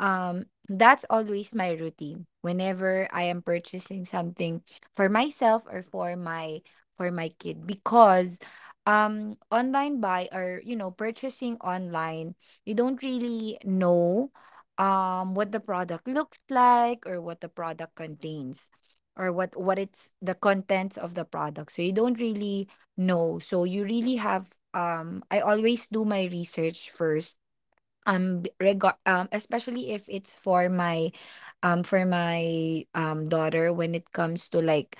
S2: that's always my routine whenever I am purchasing something for myself or for my kid, because online buy, or you know, purchasing online, you don't really know what the product looks like, or what the product contains, or what it's the contents of the product, so you don't really know. So you really have I always do my research first, b- regard especially if it's for my daughter when it comes to like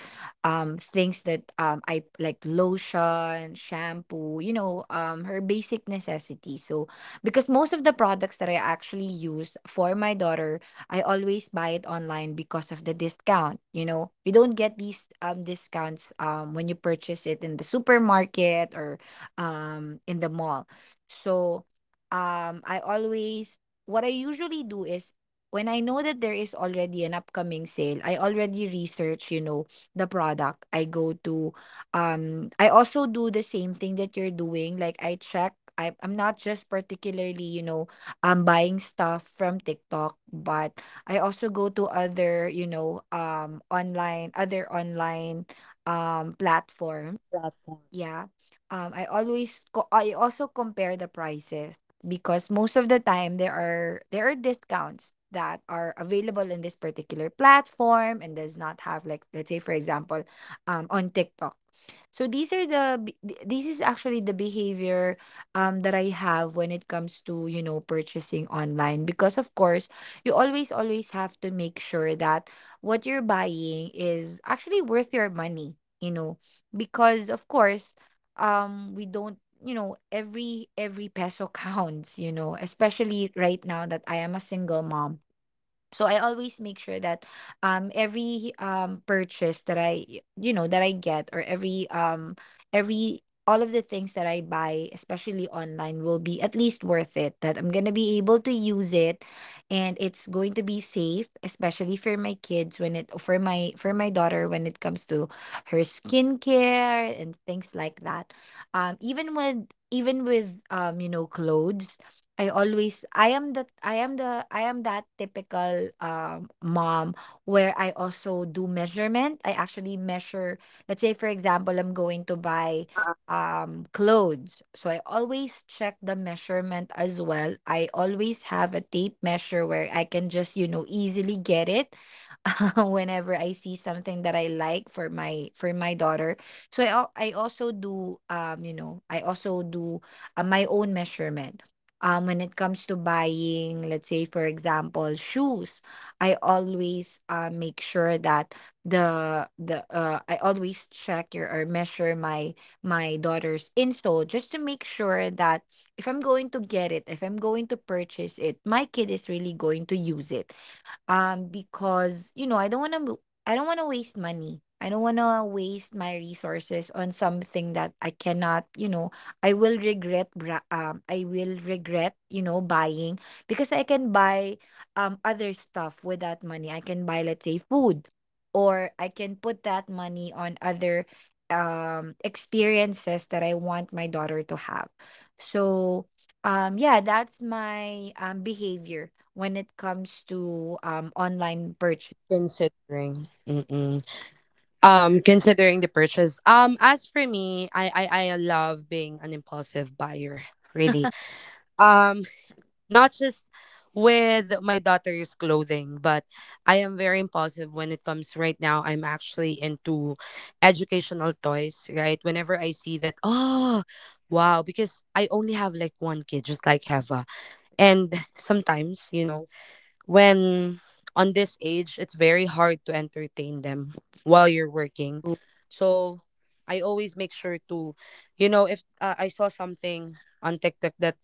S2: things that I like lotion, shampoo, you know, her basic necessities. So because most of the products that I actually use for my daughter, I always buy it online because of the discount, you know. You don't get these discounts when you purchase it in the supermarket or in the mall. So I always, what I usually do is, when I know that there is already an upcoming sale, I already research, you know, the product. I go to I also do the same thing that you're doing. Like I check, I'm not just particularly, you know, buying stuff from TikTok, but I also go to other, you know, online, other online platforms,
S1: platform.
S2: yeah. I always I also compare the prices because most of the time there are discounts that are available in this particular platform and does not have, like let's say for example, on TikTok. So these are the this is actually the behavior that I have when it comes to, you know, purchasing online, because of course you always always have to make sure that what you're buying is actually worth your money, you know, because of course we don't, you know, every peso counts, you know, especially right now that I am a single mom. So I always make sure that every purchase that I, you know, that I get, or every all of the things that I buy, especially online, will be at least worth it. That I'm gonna be able to use it, and it's going to be safe, especially for my kids, when it for my daughter, when it comes to her skincare and things like that. Even with you know, clothes, I always, I am that typical mom where I also do measurement. I actually measure, let's say for example, I'm going to buy clothes. So I always check the measurement as well. I always have a tape measure where I can just, you know, easily get it whenever I see something that I like for my daughter. So I I also do you know, I also do my own measurement. When it comes to buying, let's say, for example, shoes, I always, make sure that the I always check, or measure my my daughter's insole just to make sure that if I'm going to get it, if I'm going to purchase it, my kid is really going to use it, because you know, I don't want to, I don't want to waste money, I don't want to waste my resources on something that I cannot, you know, I will regret I will regret, you know, buying, because I can buy other stuff with that money. I can buy, let's say, food, or I can put that money on other experiences that I want my daughter to have. So yeah, that's my behavior when it comes to online purchase.
S1: Considering mm-mm. Considering the purchase, as for me, I love being an impulsive buyer, really. Um. Not just with my daughter's clothing, but I am very impulsive when it comes right now. I'm actually into educational toys, right? Whenever I see that, oh, wow, because I only have like one kid, just like Heva. And sometimes, you know, when on this age, it's very hard to entertain them while you're working. So I always make sure to, you know, if I saw something on TikTok that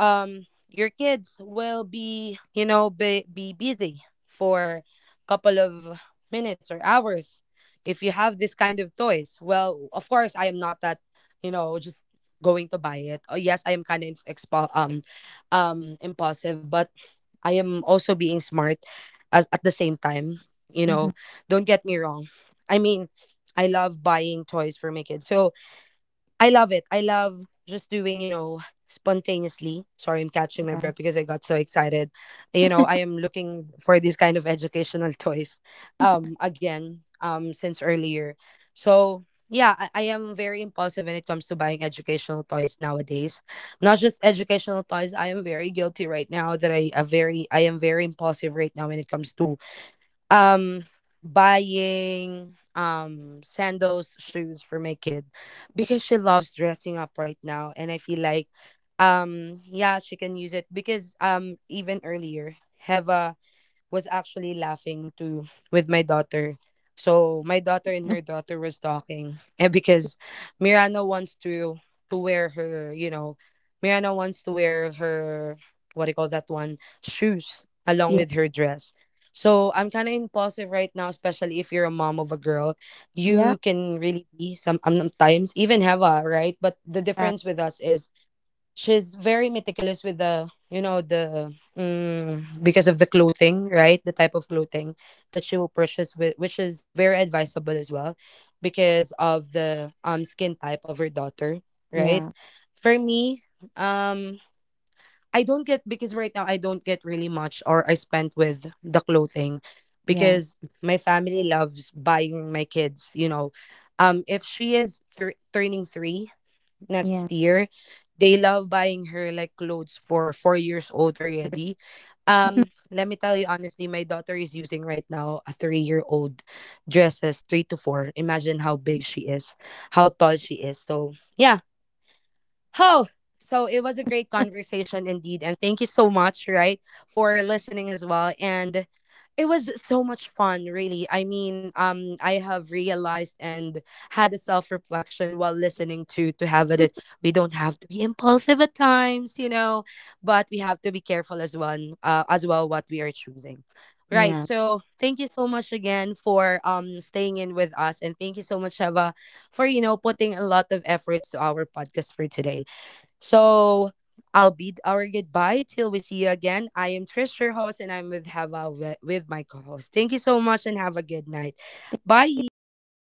S1: your kids will be, you know, be busy for a couple of minutes or hours, if you have this kind of toys. Well, of course, I am not that, you know, just going to buy it. Oh yes, I am kind of impulsive, but I am also being smart as at the same time, you
S2: Mhm.
S1: know. Don't get me wrong, I mean, I love buying toys for my kids. So I love it. I love just doing, you know, spontaneously. Sorry, I'm catching my
S2: Yeah.
S1: breath because I got so excited. You know, I am looking for these kind of educational toys again since earlier. So yeah, I am very impulsive when it comes to buying educational toys nowadays. Not just educational toys. I am very guilty right now that I am very impulsive right now when it comes to, um buying sandals shoes for my kid, because she loves dressing up right now and I feel like, yeah, she can use it, because even earlier have was actually laughing too with my daughter. So my daughter and her daughter was talking, and because Mirana wants to wear her, you know, Mirana wants to wear her, what do you call that one, shoes along
S2: Yeah.
S1: with her dress. So I'm kind of impulsive right now, especially if you're a mom of a girl.
S2: Yeah.
S1: You can really be sometimes, even have a, right? But the difference with us is, she's very meticulous with the, you know, the mm, because of the clothing, right, the type of clothing that she will purchase with, which is very advisable as well because of the skin type of her daughter, right.
S2: Yeah.
S1: For me, um I don't get, because right now I don't get really much or I spent with the clothing,
S2: Yeah.
S1: because my family loves buying my kids, you know, if she is turning three
S2: Yeah. Yeah.
S1: next year. They love buying her like clothes for 4 years old already. Let me tell you honestly, my daughter is using right now a 3 year old dresses, three to four. Imagine how big she is, how tall she is. So yeah. Oh, so it was a great conversation indeed. And thank you so much, right, for listening as well. And it was so much fun, really. I mean, I have realized and had a self-reflection while listening to have it. That we don't have to be impulsive at times, you know, but we have to be careful as one, as well, what we are choosing. Right.
S2: Yeah.
S1: So thank you so much again for staying in with us, and thank you so much, Sheva, for, you know, putting a lot of efforts to our podcast for today. So I'll bid our goodbye till we see you again. I am Trish, your host, and I'm with Hava with my co-host. Thank you so much and have a good night. Bye.